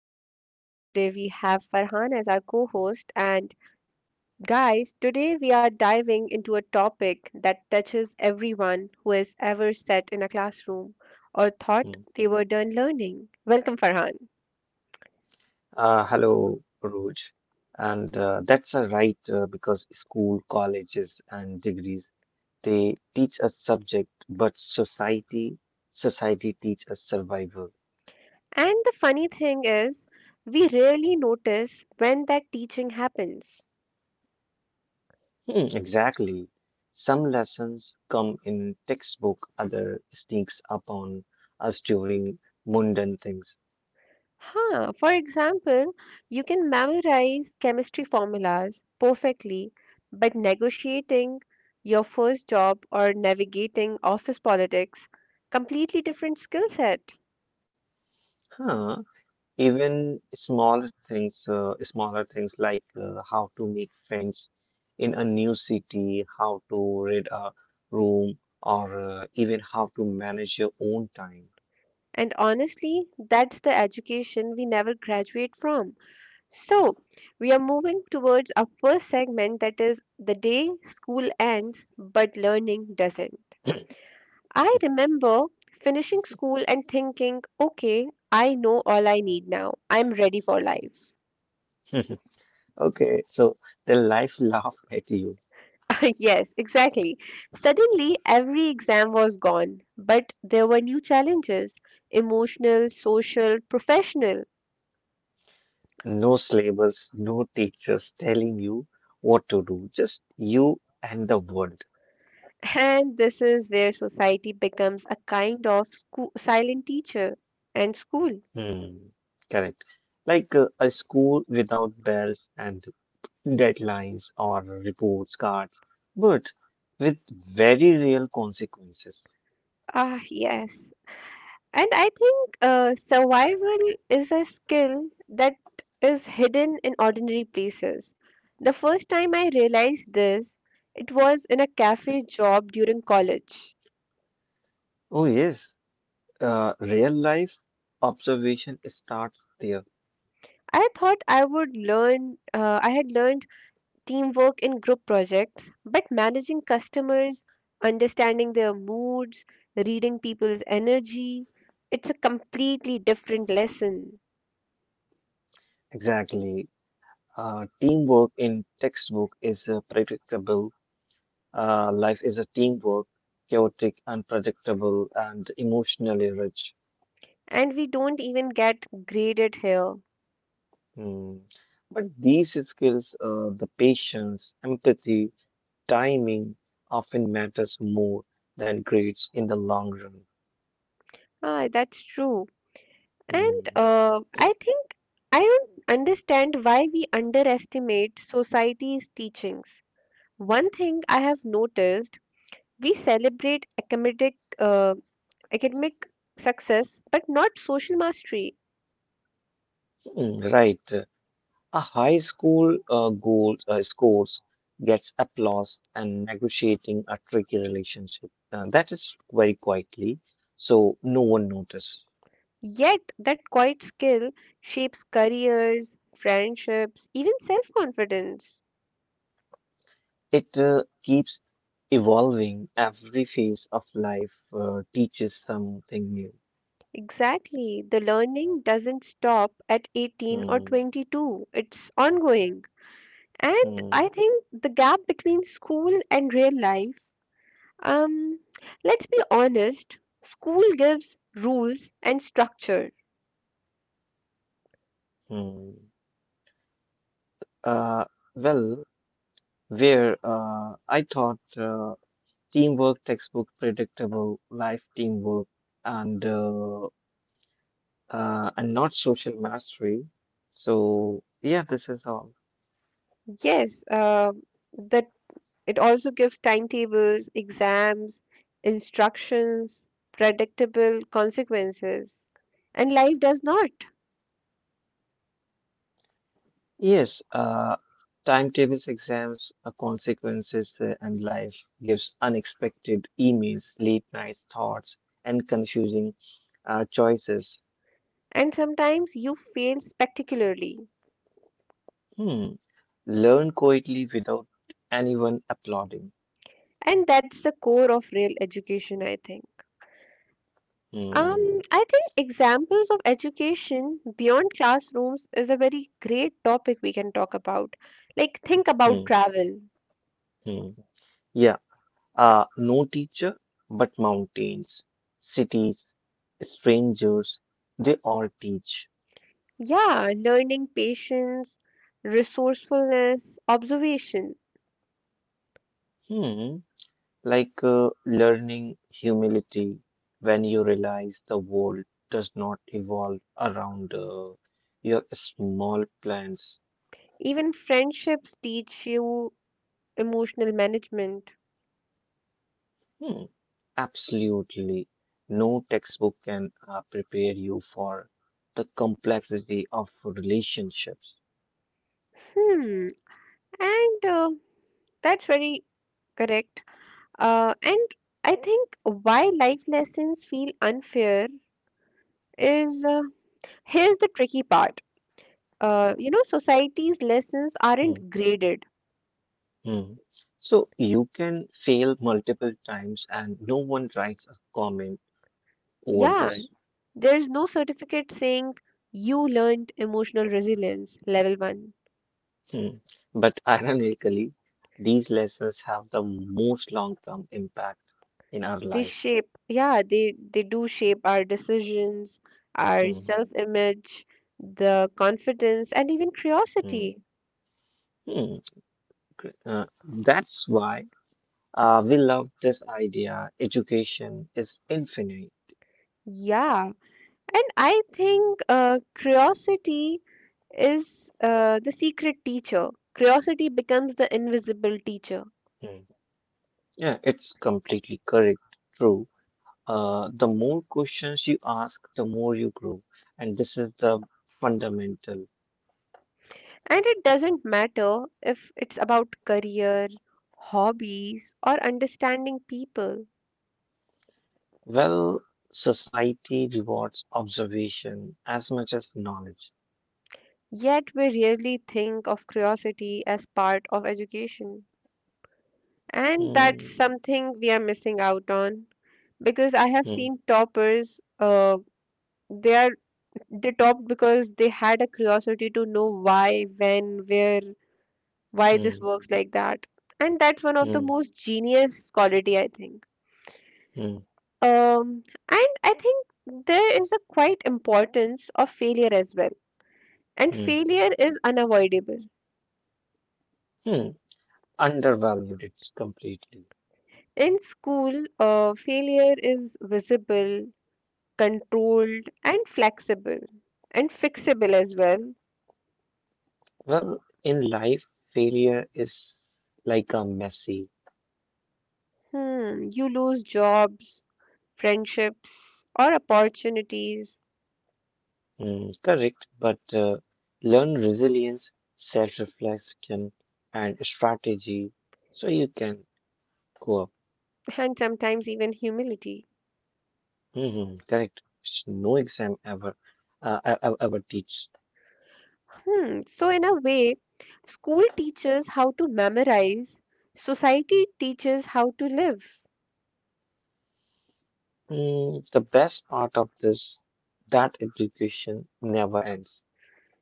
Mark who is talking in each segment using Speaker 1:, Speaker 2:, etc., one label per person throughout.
Speaker 1: Uruj, and today we have Farhan as our co-host. And guys, today we are diving into a topic that touches everyone who has ever sat in a classroom or thought
Speaker 2: Mm.
Speaker 1: they were done learning. Welcome, Farhan.
Speaker 2: Hello, Roj. And that's a right because school, colleges, and degrees they teach us subject, but society teach us survival.
Speaker 1: And the funny thing is, we rarely notice when that teaching happens.
Speaker 2: Hmm, exactly. Some lessons come in textbook, other sneaks upon us during mundane things.
Speaker 1: Huh. For example, you can memorize chemistry formulas perfectly, but negotiating your first job or navigating office politics, completely different skill set.
Speaker 2: Huh. Even small things, smaller things like how to make friends in a new city, how to read a room, or even how to manage your own time.
Speaker 1: And honestly, that's the education we never graduate from. So, we are moving towards our first segment that is the day school ends but learning doesn't. I remember finishing school and thinking, okay, I know all I need now. I'm ready for life.
Speaker 2: Okay, so the life laughed at you.
Speaker 1: Yes, exactly. Suddenly, every exam was gone, but there were new challenges emotional, social, professional.
Speaker 2: No syllabus, no teachers telling you what to do, just you and the world.
Speaker 1: And this is where society becomes a kind of school, silent teacher and school.
Speaker 2: Hmm, correct. Like a school without bells and deadlines or reports cards, but with very real consequences.
Speaker 1: Ah, yes. And I think survival is a skill that is hidden in ordinary places. The first time I realized this, it was in a cafe job during college.
Speaker 2: Oh, yes, real life observation starts there.
Speaker 1: I thought I would learn, I had learned teamwork in group projects, but managing customers, understanding their moods, reading people's energy, it's a completely different lesson.
Speaker 2: Exactly. Teamwork in textbook is predictable. Life is a teamwork, chaotic, unpredictable, and emotionally rich.
Speaker 1: And we don't even get graded here.
Speaker 2: Hmm. But these skills, the patience, empathy, timing, often matters more than grades in the long run.
Speaker 1: Ah, that's true. And
Speaker 2: Hmm.
Speaker 1: I think I don't understand why we underestimate society's teachings. One thing I have noticed, we celebrate academic success, but not social mastery.
Speaker 2: Hmm, right. A high school goal scores gets applause and negotiating a tricky relationship. That is very quietly, so no one notices.
Speaker 1: Yet that quiet skill shapes careers, friendships, even self-confidence.
Speaker 2: It keeps evolving. Every phase of life teaches something new.
Speaker 1: Exactly, the learning doesn't stop at 18 or
Speaker 2: Hmm,
Speaker 1: 22. It's ongoing. And
Speaker 2: hmm,
Speaker 1: I think the gap between school and real life, um, let's be honest, school gives rules and structure.
Speaker 2: hmm. Uh, well, where I thought teamwork textbook predictable life teamwork and uh, and not social mastery. So yeah, this is all.
Speaker 1: Yes, that it also gives timetables, exams, instructions, predictable consequences. And life does not.
Speaker 2: Yes, timetables, exams, consequences, and life gives unexpected emails, late night thoughts, and confusing choices.
Speaker 1: And sometimes you fail spectacularly.
Speaker 2: Hmm. Learn quietly without anyone applauding.
Speaker 1: And that's the core of real education, I think.
Speaker 2: Hmm.
Speaker 1: I think examples of education beyond classrooms is a very great topic we can talk about. Like, think about
Speaker 2: Hmm.
Speaker 1: travel.
Speaker 2: Hmm. Yeah. No teacher, but mountains, cities, strangers, they all teach.
Speaker 1: Yeah, learning patience, resourcefulness, observation.
Speaker 2: Hmm. Like learning humility when you realize the world does not evolve around your small plans.
Speaker 1: Even friendships teach you emotional management.
Speaker 2: Hmm, absolutely. No textbook can prepare you for the complexity of relationships.
Speaker 1: Hmm, and that's very correct. And I think why life lessons feel unfair is here's the tricky part. Society's lessons
Speaker 2: Hmm,
Speaker 1: aren't graded.
Speaker 2: hmm. So you can fail multiple times, and no one writes a comment over
Speaker 1: Yeah, right.
Speaker 2: this.
Speaker 1: There's no certificate saying you learned emotional resilience level one.
Speaker 2: Hmm. But ironically, these lessons have the most long-term impact in our
Speaker 1: They
Speaker 2: life.
Speaker 1: shape, yeah, they do shape our decisions, our
Speaker 2: Hmm.
Speaker 1: self-image, the confidence, and even
Speaker 2: Hmm.
Speaker 1: curiosity.
Speaker 2: Hmm. Gr- uh, that's why we love this idea. Education is infinite.
Speaker 1: Yeah, and I think curiosity is the secret teacher. Curiosity becomes the invisible teacher.
Speaker 2: Hmm. Yeah, it's completely correct. True. The more questions you ask, the more you grow, and this is the fundamental.
Speaker 1: And it doesn't matter if it's about career, hobbies, or understanding people.
Speaker 2: Well, society rewards observation as much as knowledge.
Speaker 1: Yet we rarely think of curiosity as part of education. And that's
Speaker 2: Hmm.
Speaker 1: something we are missing out on because I have
Speaker 2: Hmm.
Speaker 1: seen toppers, they are they topped because they had a curiosity to know why, when, where, why this
Speaker 2: Hmm.
Speaker 1: works like that. And that's one of the
Speaker 2: Hmm.
Speaker 1: most genius quality I think.
Speaker 2: Hmm.
Speaker 1: Um, and I think there is a quite importance of failure as well. And
Speaker 2: Mm,
Speaker 1: failure is unavoidable.
Speaker 2: hmm. Undervalued it's completely.
Speaker 1: In school, failure is visible, controlled, and flexible, and fixable as well.
Speaker 2: Well, in life, failure is like a messy.
Speaker 1: Hmm, you lose jobs, friendships, or opportunities,
Speaker 2: Mm, correct, but learn resilience, self-reflection, and strategy so you can go up.
Speaker 1: and sometimes even humility.
Speaker 2: Hmm, correct. Which no exam ever, ever teach.
Speaker 1: Hmm, so in a way, school teaches how to memorize, society teaches how to live.
Speaker 2: Mm, the best part of this, that education never ends,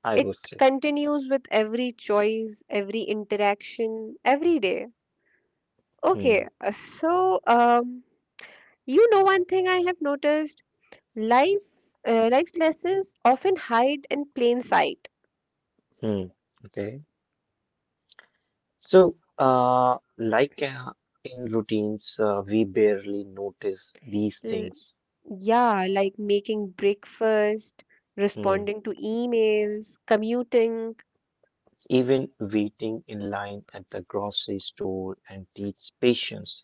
Speaker 2: I
Speaker 1: It
Speaker 2: would say.
Speaker 1: continues with every choice, every interaction, every day. Okay,
Speaker 2: Mm,
Speaker 1: so you know one thing I have noticed: life, life's lessons often hide in plain sight.
Speaker 2: mm, okay. So, like in routines, we barely notice these
Speaker 1: L-
Speaker 2: things.
Speaker 1: yeah, like making breakfast,
Speaker 2: Hmm.
Speaker 1: responding to emails, commuting,
Speaker 2: Even waiting in line at the grocery store and teach patience.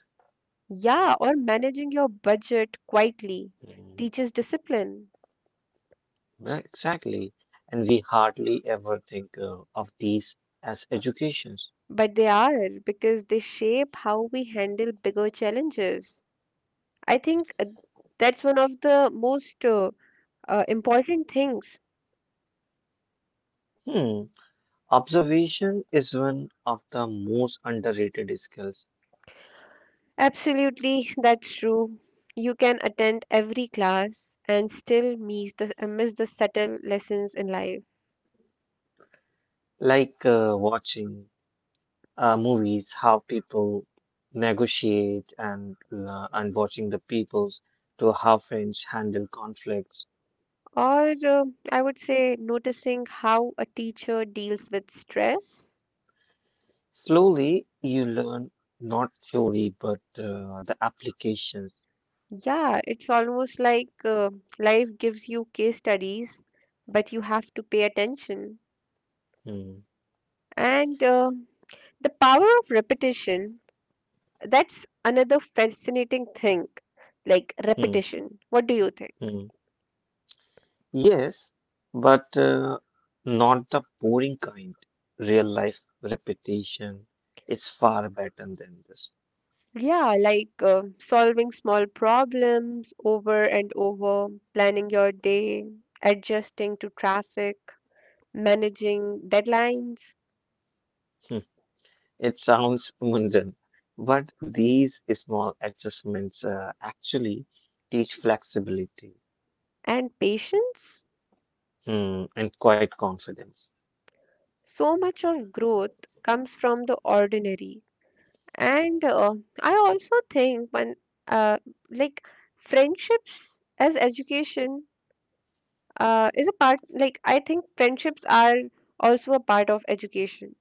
Speaker 1: yeah, or managing your budget quietly
Speaker 2: Hmm.
Speaker 1: teaches discipline.
Speaker 2: Well, exactly. And we hardly ever think of these as educations.
Speaker 1: But they are because they shape how we handle bigger challenges. I think that's one of the most important things.
Speaker 2: Hmm. Observation is one of the most underrated skills.
Speaker 1: Absolutely, that's true. You can attend every class and still miss the subtle lessons in life.
Speaker 2: Like watching movies, how people negotiate and watching the peoples to how friends handle conflicts.
Speaker 1: Or I would say noticing how a teacher deals with stress.
Speaker 2: Slowly, you learn not theory but the applications.
Speaker 1: Yeah, it's almost like life gives you case studies, but you have to pay attention.
Speaker 2: Hmm,
Speaker 1: And the power of repetition that's another fascinating thing, like
Speaker 2: hmm,
Speaker 1: repetition. What do you think?
Speaker 2: hmm. Yes, but not the boring kind. Real life repetition is far better than this.
Speaker 1: Yeah, like solving small problems over and over, planning your day, adjusting to traffic, managing deadlines,
Speaker 2: It sounds mundane, but these small adjustments actually teach flexibility
Speaker 1: and patience.
Speaker 2: mm, and quite confidence.
Speaker 1: So much of growth comes from the ordinary. And I also think when, uh, like, friendships as education is a part like I think friendships are also a part of education.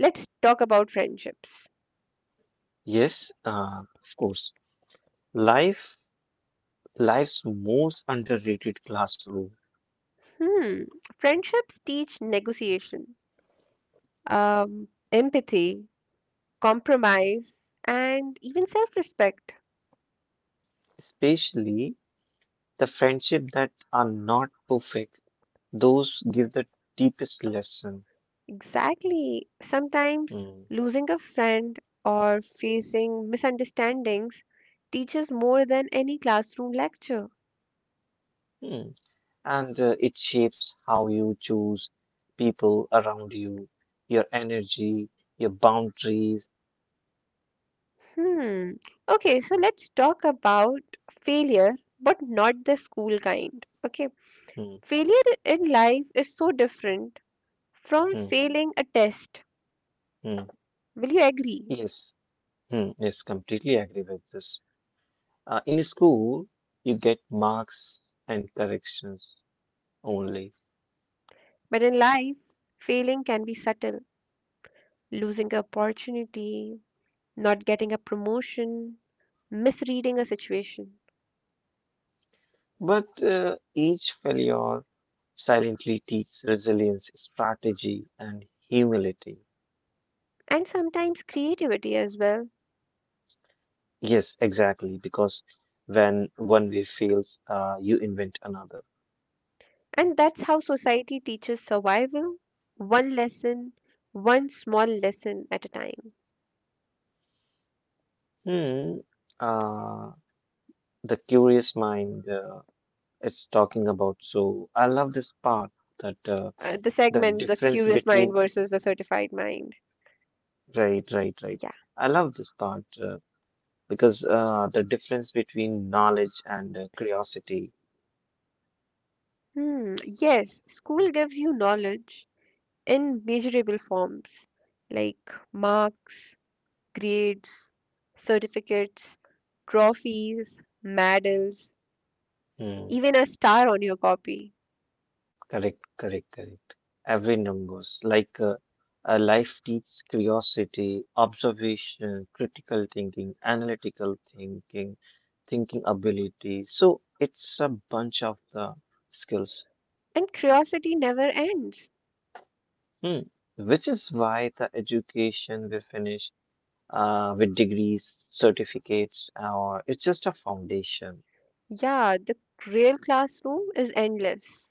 Speaker 1: Let's talk about friendships.
Speaker 2: Yes, of course. Life, life's most underrated classroom,
Speaker 1: Hmm, friendships teach negotiation, empathy, compromise, and even self-respect.
Speaker 2: especially the friendship that are not perfect, those give the deepest lesson.
Speaker 1: Exactly. Sometimes
Speaker 2: Mm,
Speaker 1: losing a friend or facing misunderstandings teaches more than any classroom lecture.
Speaker 2: mm. And it shapes how you choose people around you, your energy, your boundaries.
Speaker 1: Hmm. Okay, so let's talk about failure, but not the school kind. Okay.
Speaker 2: Hmm.
Speaker 1: Failure in life is so different from
Speaker 2: Hmm.
Speaker 1: failing a test.
Speaker 2: Mm.
Speaker 1: Will you agree?
Speaker 2: Yes. Hmm. Yes, completely agree with this. In school, you get marks and corrections only,
Speaker 1: But in life, failing can be subtle. Losing an opportunity, not getting a promotion, misreading a situation,
Speaker 2: but each failure silently teaches resilience, strategy, and humility.
Speaker 1: and sometimes creativity as well.
Speaker 2: Yes, exactly, because when one way fails, you invent another.
Speaker 1: And that's how society teaches survival one lesson, one small lesson at a time.
Speaker 2: Hmm. Uh, the curious mind it's talking about. So I love this part that
Speaker 1: The
Speaker 2: the
Speaker 1: segment, the
Speaker 2: difference
Speaker 1: curious mind
Speaker 2: between.
Speaker 1: versus the certified mind.
Speaker 2: Right, right, right.
Speaker 1: Yeah.
Speaker 2: I love this part because the difference between knowledge and curiosity.
Speaker 1: Hmm. Yes, school gives you knowledge in measurable forms like marks, grades, certificates, trophies, medals,
Speaker 2: Hmm,
Speaker 1: even a star on your copy.
Speaker 2: correct, correct, correct. Every numbers like life teaches curiosity, observation, critical thinking, analytical thinking, thinking ability. So it's a bunch of the skills.
Speaker 1: And curiosity never ends.
Speaker 2: Hmm. Which is why the education we finish with degrees, certificates, or it's just a foundation.
Speaker 1: Yeah, the real classroom is endless.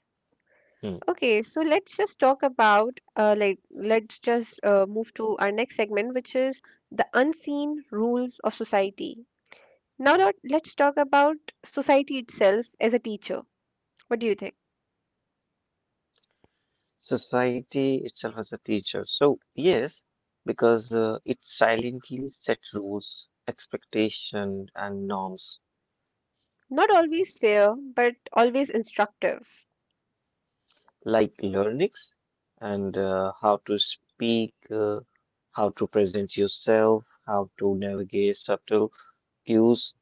Speaker 2: Hmm.
Speaker 1: Okay, so let's just talk about like let's just move to our next segment, which is the unseen rules of society. Now let's talk about society itself as a teacher. What do you think?
Speaker 2: Society itself as a teacher. So, yes, because it silently sets rules, expectation, and norms
Speaker 1: Not always fair, but always instructive.
Speaker 2: like learnings and how to speak, how to present yourself, how to navigate subtle cues.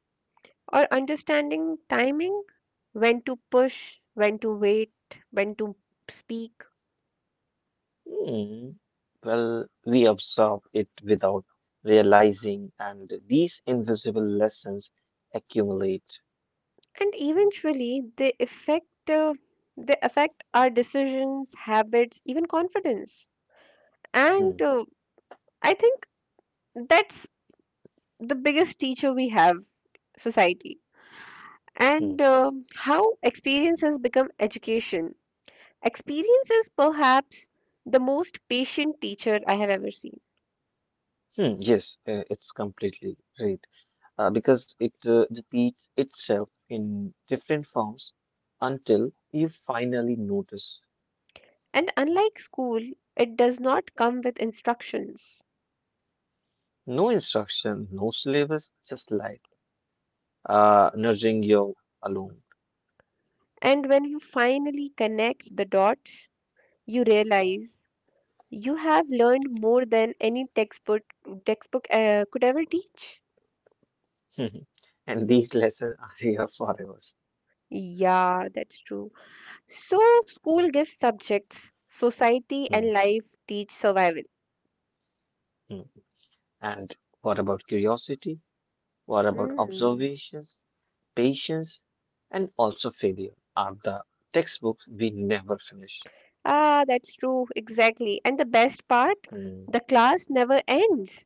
Speaker 1: Or understanding timing, when to push, when to wait, when to speak.
Speaker 2: Hmm. Well, we absorb it without realizing, and these invisible lessons accumulate.
Speaker 1: And eventually, they affect our decisions, habits, even confidence. And
Speaker 2: Hmm.
Speaker 1: I think that's the biggest teacher we have, society.
Speaker 2: Hmm.
Speaker 1: And how experiences become education. Experience is perhaps the most patient teacher I have ever seen.
Speaker 2: Hmm. Yes, it's completely right. Because it repeats itself in different forms until you finally notice.
Speaker 1: And unlike school, it does not come with instructions.
Speaker 2: No instruction, no syllabus, just life, nudging you alone.
Speaker 1: And when you finally connect the dots, you realize you have learned more than any textbook could ever teach.
Speaker 2: And these lessons are here for us.
Speaker 1: Yeah, that's true. So school gives subjects, society
Speaker 2: Hmm.
Speaker 1: and life teach survival.
Speaker 2: Hmm. And what about curiosity? What about
Speaker 1: Hmm.
Speaker 2: observations, patience, and also failure are the textbooks we never finish.
Speaker 1: Ah, that's true, exactly. And the best part,
Speaker 2: Mhm.
Speaker 1: the class never ends.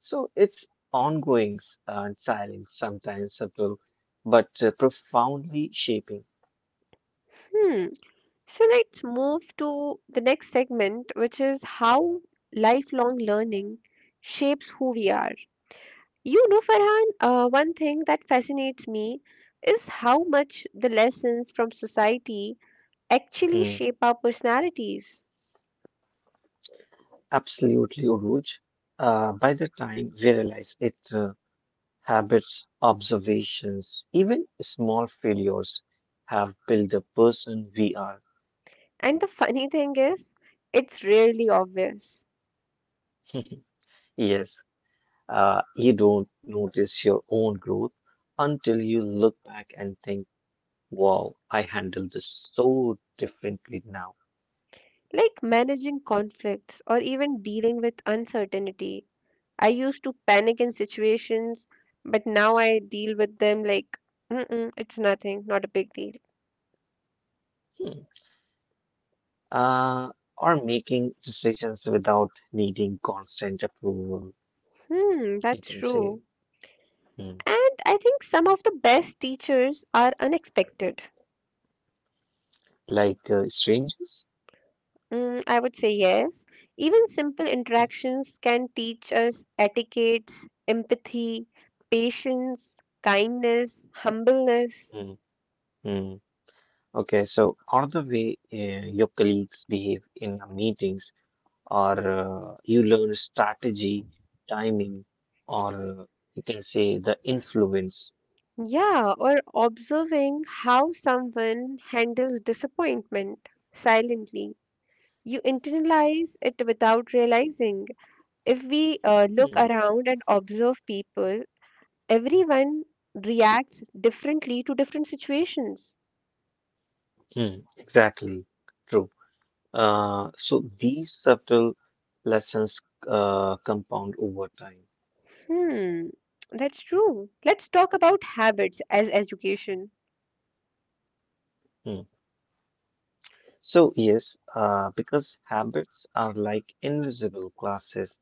Speaker 2: So it's ongoings and silence, sometimes subtle, but profoundly shaping.
Speaker 1: Hmm. So let's move to the next segment, which is how lifelong learning shapes who we are. You know, Farhan, one thing that fascinates me is how much the lessons from society actually
Speaker 2: Mm.
Speaker 1: shape our personalities.
Speaker 2: Absolutely, Uruj. By the time we realize it, habits, observations, even small failures have built the person we are.
Speaker 1: And the funny thing is, it's rarely obvious.
Speaker 2: Yes, you don't notice your own growth until you look back and think, wow, I handle this so differently now.
Speaker 1: Like managing conflicts or even dealing with uncertainty. I used to panic in situations, but now I deal with them like, mm-mm, it's nothing, not a big deal.
Speaker 2: Hmm. Uh, or making decisions without needing constant approval,
Speaker 1: Hmm,
Speaker 2: you
Speaker 1: that's
Speaker 2: can say.
Speaker 1: true.
Speaker 2: Hmm.
Speaker 1: And I think some of the best teachers are unexpected.
Speaker 2: Like strangers.
Speaker 1: Mm, I would say yes. Even simple
Speaker 2: Okay.
Speaker 1: interactions can teach us etiquette, empathy, patience, kindness, humbleness.
Speaker 2: Hmm. Hmm. Okay, so or the way your colleagues behave in your meetings, or you learn strategy, timing, or uh, you can say the influence.
Speaker 1: Yeah, or observing how someone handles disappointment silently. You internalize it without realizing. If we look
Speaker 2: Mm,
Speaker 1: around and observe people, everyone reacts differently to different situations.
Speaker 2: mm, exactly. True. So these subtle lessons compound over time.
Speaker 1: Hmm, that's true. Let's talk about habits as education.
Speaker 2: Mm. So, yes, because habits are like invisible classes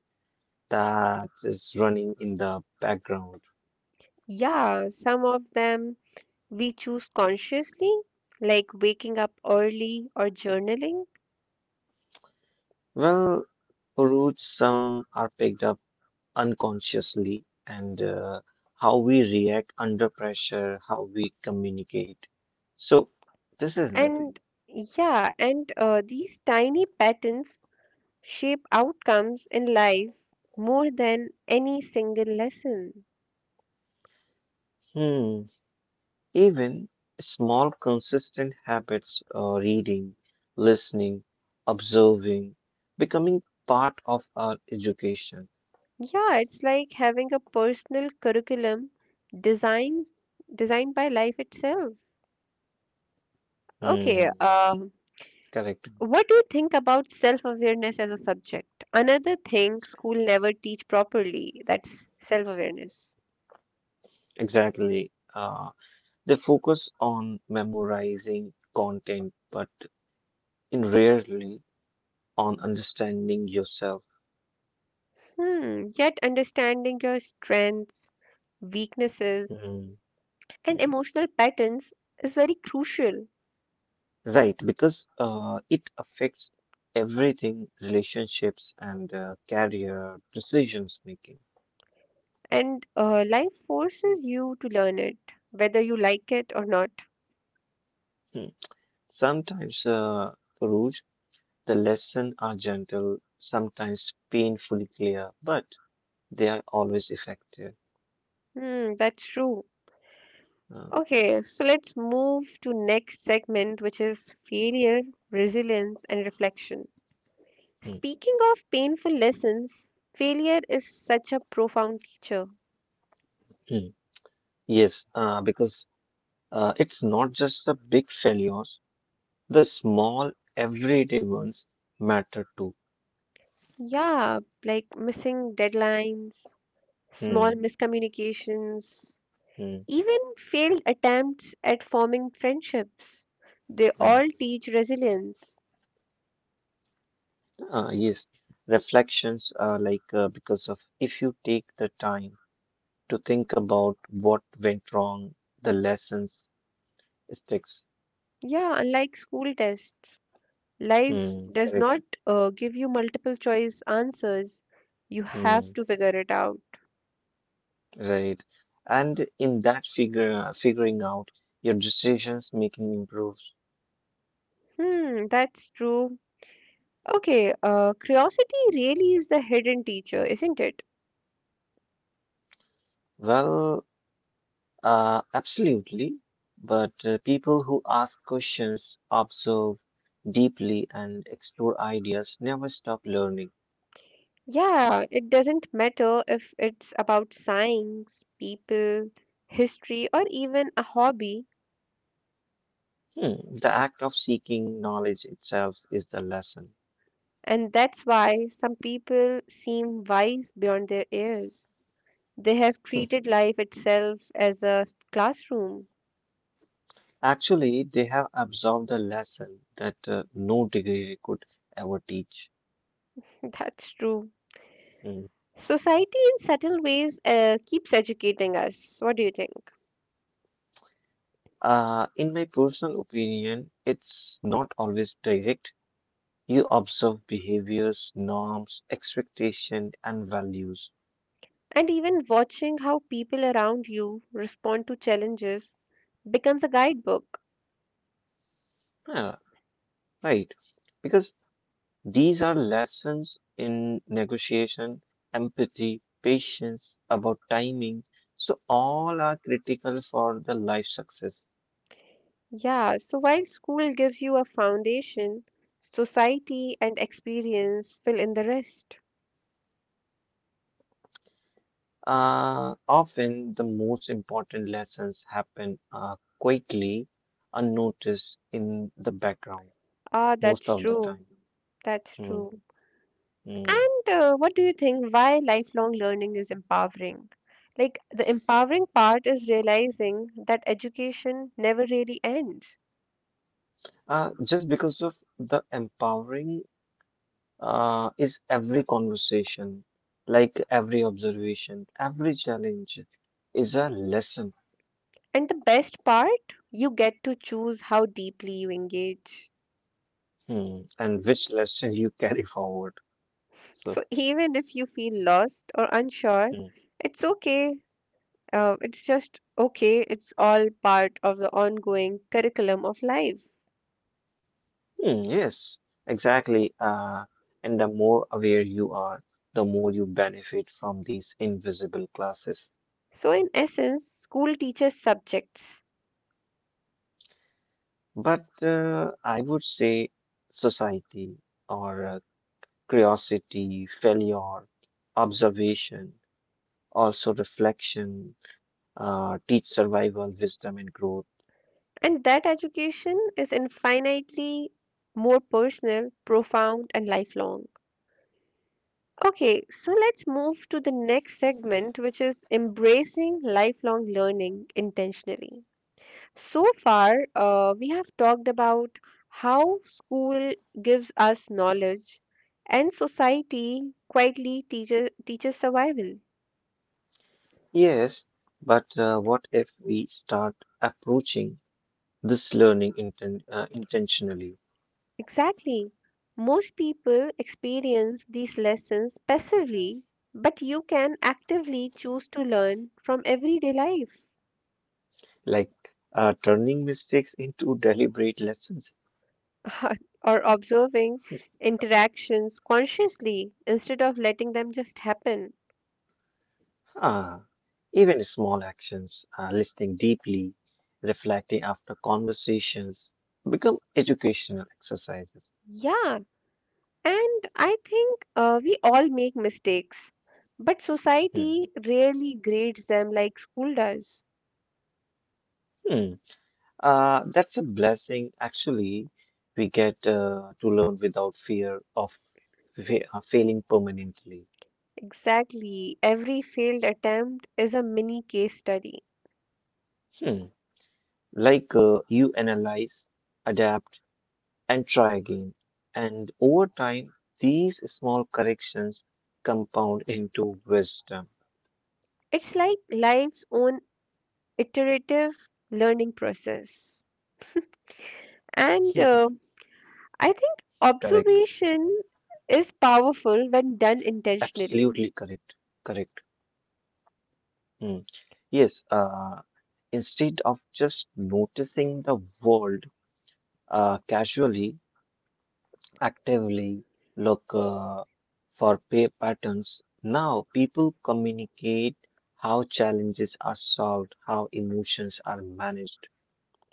Speaker 2: that is running in the background.
Speaker 1: Yeah, some of them we choose consciously, like waking up early or journaling.
Speaker 2: Well, roots, some are picked up unconsciously, and how we react under pressure, how we communicate. So, this is the thing.
Speaker 1: And yeah, and these tiny patterns shape outcomes in life more than any single lesson.
Speaker 2: Hmm. Even small, consistent habits, reading, listening, observing, becoming part of our education.
Speaker 1: Yeah, it's like having a personal curriculum designed designed by life itself. Okay,
Speaker 2: Hmm, correct.
Speaker 1: what do you think about self-awareness as a subject? Another thing school never teach properly, that's self-awareness.
Speaker 2: Exactly. They focus on memorizing content, but in rarely on understanding yourself.
Speaker 1: Hmm, yet understanding your strengths, weaknesses,
Speaker 2: Hmm,
Speaker 1: and
Speaker 2: hmm.
Speaker 1: emotional patterns is very crucial
Speaker 2: Right, because it affects everything relationships and career decisions making.
Speaker 1: and life forces you to learn it, whether you like it or not.
Speaker 2: Hmm. Sometimes, Rouge, the lessons are gentle, sometimes painfully clear, but they are always effective.
Speaker 1: Hmm, that's true.
Speaker 2: Uh,
Speaker 1: Okay, so let's move to next segment, which is failure, resilience, and reflection.
Speaker 2: mm,
Speaker 1: Speaking of painful lessons, failure is such a profound teacher.
Speaker 2: mm. Yes, because it's not just the big failures, the small, everyday ones matter too.
Speaker 1: Yeah, like missing deadlines, small
Speaker 2: Mm,
Speaker 1: miscommunications,
Speaker 2: mm,
Speaker 1: even failed attempts at forming friendships. They
Speaker 2: mm.
Speaker 1: all teach resilience.
Speaker 2: Yes, reflections are like because of if you take the time to think about what went wrong, the lessons sticks.
Speaker 1: Yeah, unlike school tests, life
Speaker 2: Mm,
Speaker 1: does
Speaker 2: correct.
Speaker 1: not give you multiple choice answers. You have
Speaker 2: Mm.
Speaker 1: to figure it out.
Speaker 2: Right. And in that figuring out your decisions making improves.
Speaker 1: Hmm, that's true. Okay, curiosity really is the hidden teacher, isn't it?
Speaker 2: Well, absolutely. But people who ask questions, observe deeply, and explore ideas never stop learning.
Speaker 1: Yeah, it doesn't matter if it's about science, people, history, or even a hobby.
Speaker 2: Hmm. The act of seeking knowledge itself is the lesson.
Speaker 1: And that's why some people seem wise beyond their years. They have
Speaker 2: Hmm.
Speaker 1: treated life itself as a classroom.
Speaker 2: Actually, they have absorbed the lesson that no degree could ever teach.
Speaker 1: That's true.
Speaker 2: Hmm.
Speaker 1: Society in subtle ways keeps educating us. What do you think?
Speaker 2: In my personal opinion, it's not always direct. You observe behaviors, norms, expectation, and values.
Speaker 1: And even watching how people around you respond to challenges becomes a guidebook.
Speaker 2: Yeah, right. Because these are lessons in negotiation, empathy, patience, about timing. So all are critical for the life success.
Speaker 1: Yeah, so while school gives you a foundation, society and experience fill in the rest.
Speaker 2: Often the most important lessons happen quickly, unnoticed in the background
Speaker 1: Ah,
Speaker 2: most
Speaker 1: that's
Speaker 2: of the
Speaker 1: true.
Speaker 2: time.
Speaker 1: That's
Speaker 2: Mm,
Speaker 1: true.
Speaker 2: mm.
Speaker 1: And what do you think why lifelong learning is empowering? Like the empowering part is realizing that education never really ends.
Speaker 2: Just because of the empowering is every conversation, like every observation, every challenge is a lesson.
Speaker 1: And the best part, you get to choose how deeply you engage.
Speaker 2: Hmm, and which lesson you carry forward. So,
Speaker 1: So even if you feel lost or unsure,
Speaker 2: hmm.
Speaker 1: it's okay. It's just okay. It's all part of the ongoing curriculum of life.
Speaker 2: Hmm, yes, exactly. And the more aware you are, the more you benefit from these invisible classes.
Speaker 1: So, in essence, school teaches subjects,
Speaker 2: But I would say society or curiosity, failure, observation, also reflection, teach survival, wisdom, and growth.
Speaker 1: and that education is infinitely more personal, profound, and lifelong. Okay, so let's move to the next segment, which is embracing lifelong learning intentionally. So far, we have talked about how school gives us knowledge and society quietly teaches survival.
Speaker 2: Yes, but what if we start approaching this learning intentionally,
Speaker 1: Exactly. Most people experience these lessons passively, but you can actively choose to learn from everyday life
Speaker 2: like turning mistakes into deliberate lessons?
Speaker 1: or observing interactions consciously instead of letting them just happen.
Speaker 2: Ah, even small actions, listening deeply, reflecting after conversations, become educational exercises.
Speaker 1: Yeah, and I think we all make mistakes, but
Speaker 2: Hmm.
Speaker 1: society rarely grades them like school does.
Speaker 2: Hmm. That's a blessing. Actually, we get to learn without fear of failing permanently.
Speaker 1: Exactly, every failed attempt is a mini case study.
Speaker 2: Hmm. Like you analyze, adapt, and try again. And over time, these small corrections compound into wisdom.
Speaker 1: It's like life's own iterative learning process. And I think
Speaker 2: Correct.
Speaker 1: observation is powerful when done intentionally.
Speaker 2: Absolutely correct. Correct. Hmm. Yes. Instead of just noticing the world casually, actively look for pay patterns. Now, people communicate how challenges are solved, how emotions are managed.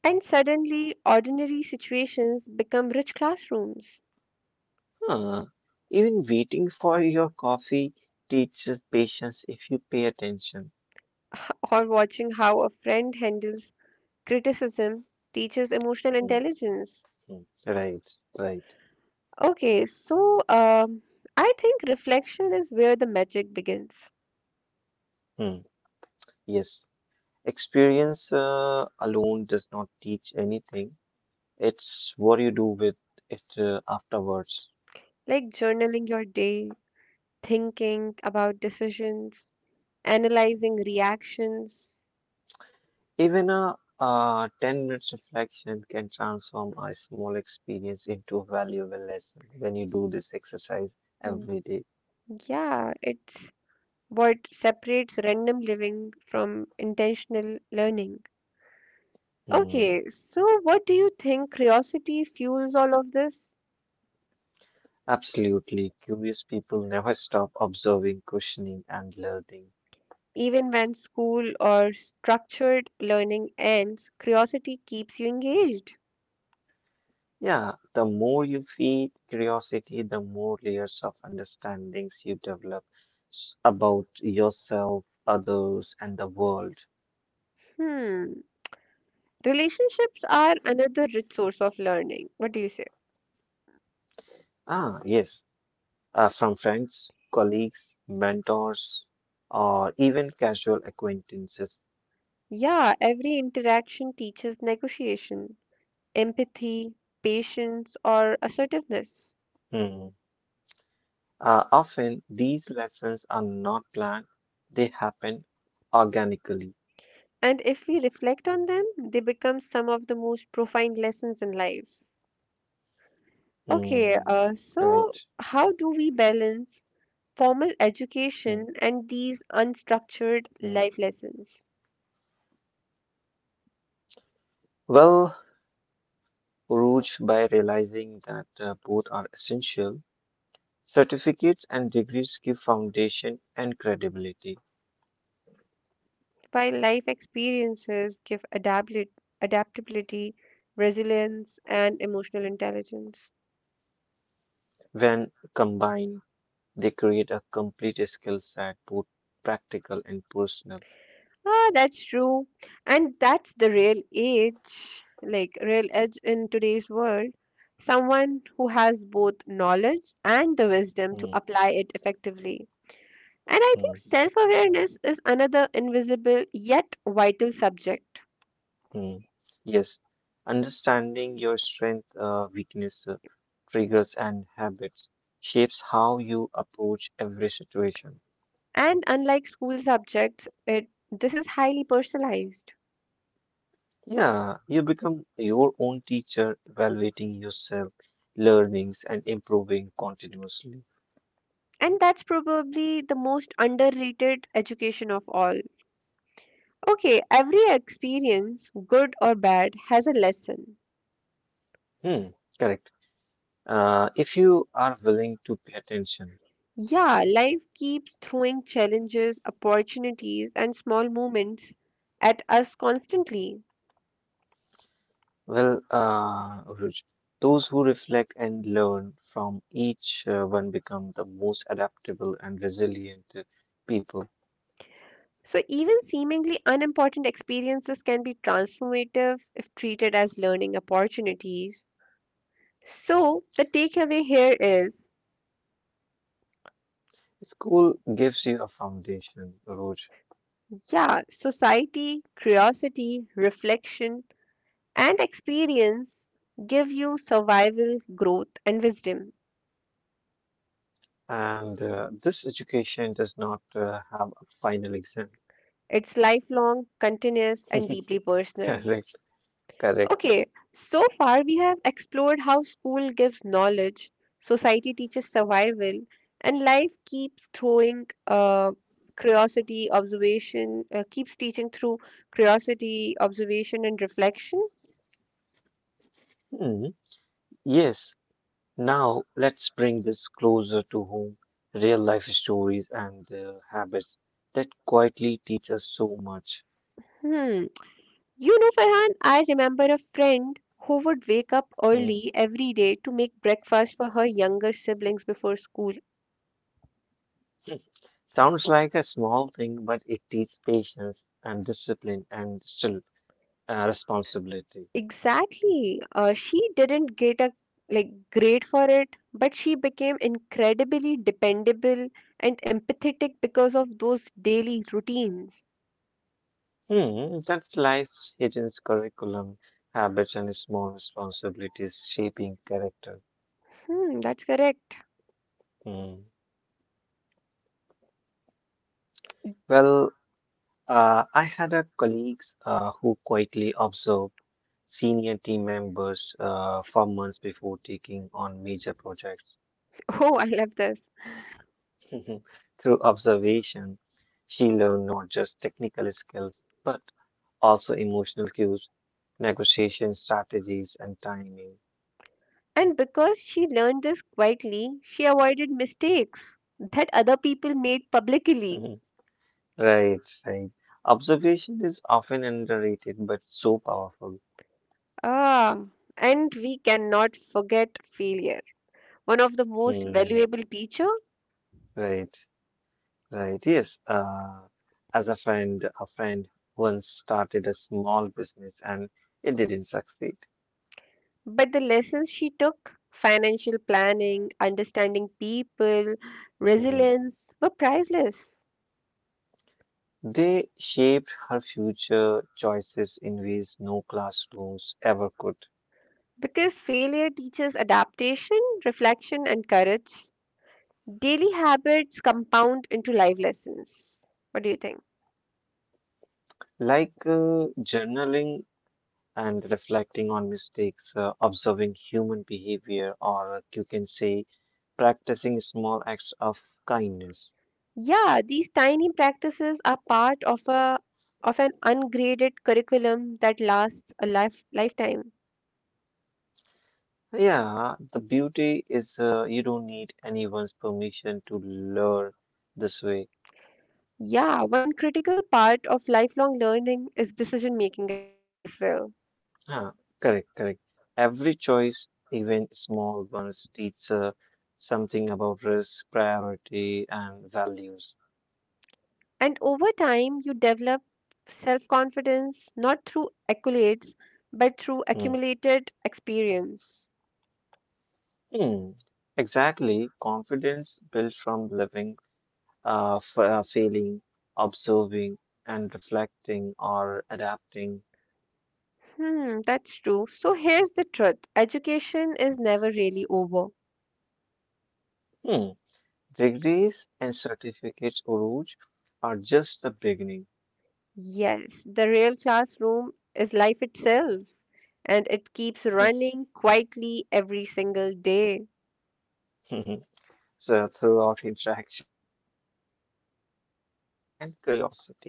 Speaker 1: And suddenly, ordinary situations become rich classrooms,
Speaker 2: Huh. Even waiting for your coffee teaches patience if you pay attention.
Speaker 1: or watching how a friend handles criticism teaches emotional
Speaker 2: Hmm,
Speaker 1: intelligence.
Speaker 2: hmm. Right, right.
Speaker 1: Okay, so I think reflection is where the magic begins.
Speaker 2: Hmm. Yes. Experience alone does not teach anything. It's what you do with it afterwards.
Speaker 1: Like journaling your day, thinking about decisions, analyzing reactions.
Speaker 2: Even a 10 minutes reflection can transform a small experience into a valuable lesson when you do this exercise
Speaker 1: Mm,
Speaker 2: every day.
Speaker 1: Yeah, it's what separates random living from intentional learning.
Speaker 2: Mm,
Speaker 1: Okay, so what do you think curiosity fuels all of this?
Speaker 2: absolutely. Curious people never stop observing, questioning, and learning.
Speaker 1: Even when school or structured learning ends, curiosity keeps you engaged.
Speaker 2: Yeah, the more you feed curiosity, the more layers of understandings you develop about yourself, others, and the world.
Speaker 1: Hmm. Relationships are another rich source of learning. What do you say?
Speaker 2: Ah, yes. From friends, colleagues, mentors, or even casual acquaintances.
Speaker 1: Yeah, every interaction teaches negotiation, empathy, patience, or assertiveness.
Speaker 2: Hmm. Often, these lessons are not planned, they happen organically.
Speaker 1: And if we reflect on them, they become some of the most profound lessons in life. Okay,
Speaker 2: Hmm.
Speaker 1: so
Speaker 2: Right.
Speaker 1: how do we balance formal
Speaker 2: Hmm.
Speaker 1: education and these unstructured
Speaker 2: Hmm.
Speaker 1: life lessons?
Speaker 2: Well, Uruj, by realizing that both are essential, certificates and degrees give foundation and credibility.
Speaker 1: While life experiences give adaptability, adaptability, resilience, and emotional intelligence.
Speaker 2: When combined, they create a complete skill set, both practical and personal.
Speaker 1: Ah, that's true. And that's the real edge, like real edge in today's world. Someone who has both knowledge and the wisdom to apply it effectively. And I think
Speaker 2: Mm,
Speaker 1: self awareness is another invisible yet vital subject.
Speaker 2: mm. Yes, understanding your strength, weakness, triggers, and habits shapes how you approach every situation.
Speaker 1: And unlike school subjects, this is highly personalized.
Speaker 2: Yeah, you become your own teacher, evaluating yourself, learnings, and improving continuously.
Speaker 1: And that's probably the most underrated education of all. Okay, every experience, good or bad, has a lesson.
Speaker 2: Hmm, correct. If you are willing to pay attention.
Speaker 1: Yeah, life keeps throwing challenges, opportunities, and small moments at us constantly.
Speaker 2: Well, Ruj, those who reflect and learn from each one become the most adaptable and resilient people.
Speaker 1: So, even seemingly unimportant experiences can be transformative if treated as learning opportunities. So, the takeaway here is
Speaker 2: School gives you a foundation, Ruj,
Speaker 1: yeah, society, curiosity, reflection, and experience give you survival, growth, and wisdom.
Speaker 2: and this education does not have a final exam.
Speaker 1: It's lifelong, continuous, and deeply personal.
Speaker 2: Correct, correct.
Speaker 1: Okay, so far we have explored how school gives knowledge, society teaches survival, and life keeps throwing curiosity, observation, keeps teaching through curiosity, observation, and reflection.
Speaker 2: Hmm. Yes, now let's bring this closer to home, real life stories and habits that quietly teach us so much.
Speaker 1: Hmm. You know, Farhan, I remember a friend who would wake up
Speaker 2: Hmm?
Speaker 1: early every day to make breakfast for her younger siblings before school.
Speaker 2: Sounds like a small thing, but it teaches patience and discipline and still responsibility.
Speaker 1: Exactly. She didn't get a like grade for it, but she became incredibly dependable and empathetic because of those daily routines.
Speaker 2: Hmm, that's life's hidden curriculum, habits, and small responsibilities shaping character.
Speaker 1: Hmm, that's correct.
Speaker 2: Hmm. Well, I had a colleagues who quietly observed senior team members for months before taking on major projects.
Speaker 1: Oh, I love this.
Speaker 2: Through observation, she learned not just technical skills, but also emotional cues, negotiation strategies, and timing.
Speaker 1: And because she learned this quietly, she avoided mistakes that other people made publicly.
Speaker 2: Right, right. Observation is often underrated but so powerful.
Speaker 1: Ah, and we cannot forget failure. One of the most
Speaker 2: Hmm.
Speaker 1: valuable teacher.
Speaker 2: Right, right. Yes. As a friend once started a small business and it didn't succeed.
Speaker 1: But the lessons she took financial planning, understanding people,
Speaker 2: Hmm.
Speaker 1: resilience were priceless
Speaker 2: They shaped her future choices in ways no classrooms ever could.
Speaker 1: because failure teaches adaptation, reflection, and courage. Daily habits compound into life lessons. What do you think?
Speaker 2: Like journaling and reflecting on mistakes, observing human behavior, or you can say practicing small acts of kindness.
Speaker 1: Yeah, these tiny practices are part of a of an ungraded curriculum that lasts a lifetime.
Speaker 2: Yeah, the beauty is you don't need anyone's permission to learn this way.
Speaker 1: Yeah, one critical part of lifelong learning is decision making as well.
Speaker 2: Huh, correct, correct. Every choice, even small ones, teach something about risk, priority, and values.
Speaker 1: And over time, you develop self confidence not through accolades but through
Speaker 2: Hmm.
Speaker 1: accumulated experience.
Speaker 2: Hmm. Exactly. Confidence built from living feeling, observing, and reflecting or adapting.
Speaker 1: Hmm, that's true. So here's the truth education is never really over.
Speaker 2: Hmm. Degrees and certificates, Uruj, are just the beginning.
Speaker 1: Yes, the real classroom is life itself, and it keeps running quietly every single day.
Speaker 2: So, throughout interactions, habits, failures, reflection, and curiosity.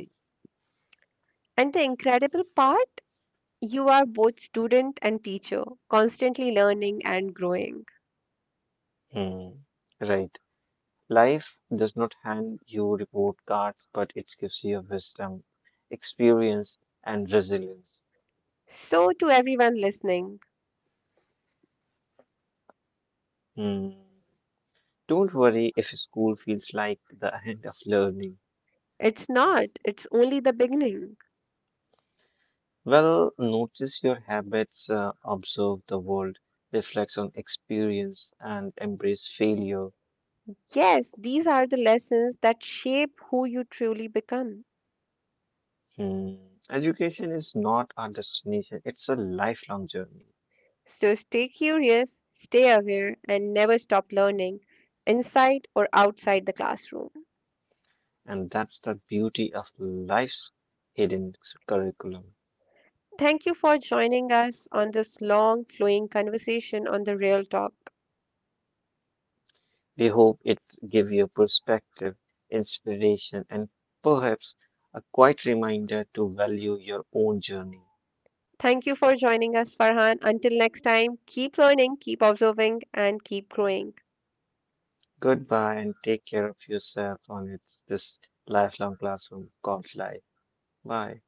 Speaker 1: And the incredible part, you are both student and teacher, constantly learning and growing.
Speaker 2: Hmm. Right. Life does not hand you report cards, but it gives you wisdom, experience, and resilience.
Speaker 1: So, to everyone listening,
Speaker 2: Hmm. Don't worry if school feels like the end of learning.
Speaker 1: it's not, it's only the beginning.
Speaker 2: Well, notice your habits, observe the world, reflect on experience, and embrace failure.
Speaker 1: Yes, these are the lessons that shape who you truly become.
Speaker 2: Hmm. Education is not our destination, it's a lifelong journey.
Speaker 1: So stay curious, stay aware, and never stop learning, inside or outside the classroom.
Speaker 2: And that's the beauty of life's hidden curriculum.
Speaker 1: Thank you for joining us on this long, flowing conversation on the Real Talk.
Speaker 2: We hope it give you perspective, inspiration, and perhaps a quiet reminder to value your own journey.
Speaker 1: Thank you for joining us, Farhan. Until next time, keep learning, keep observing, and keep growing.
Speaker 2: Goodbye and take care of yourself on this lifelong classroom called life. Bye.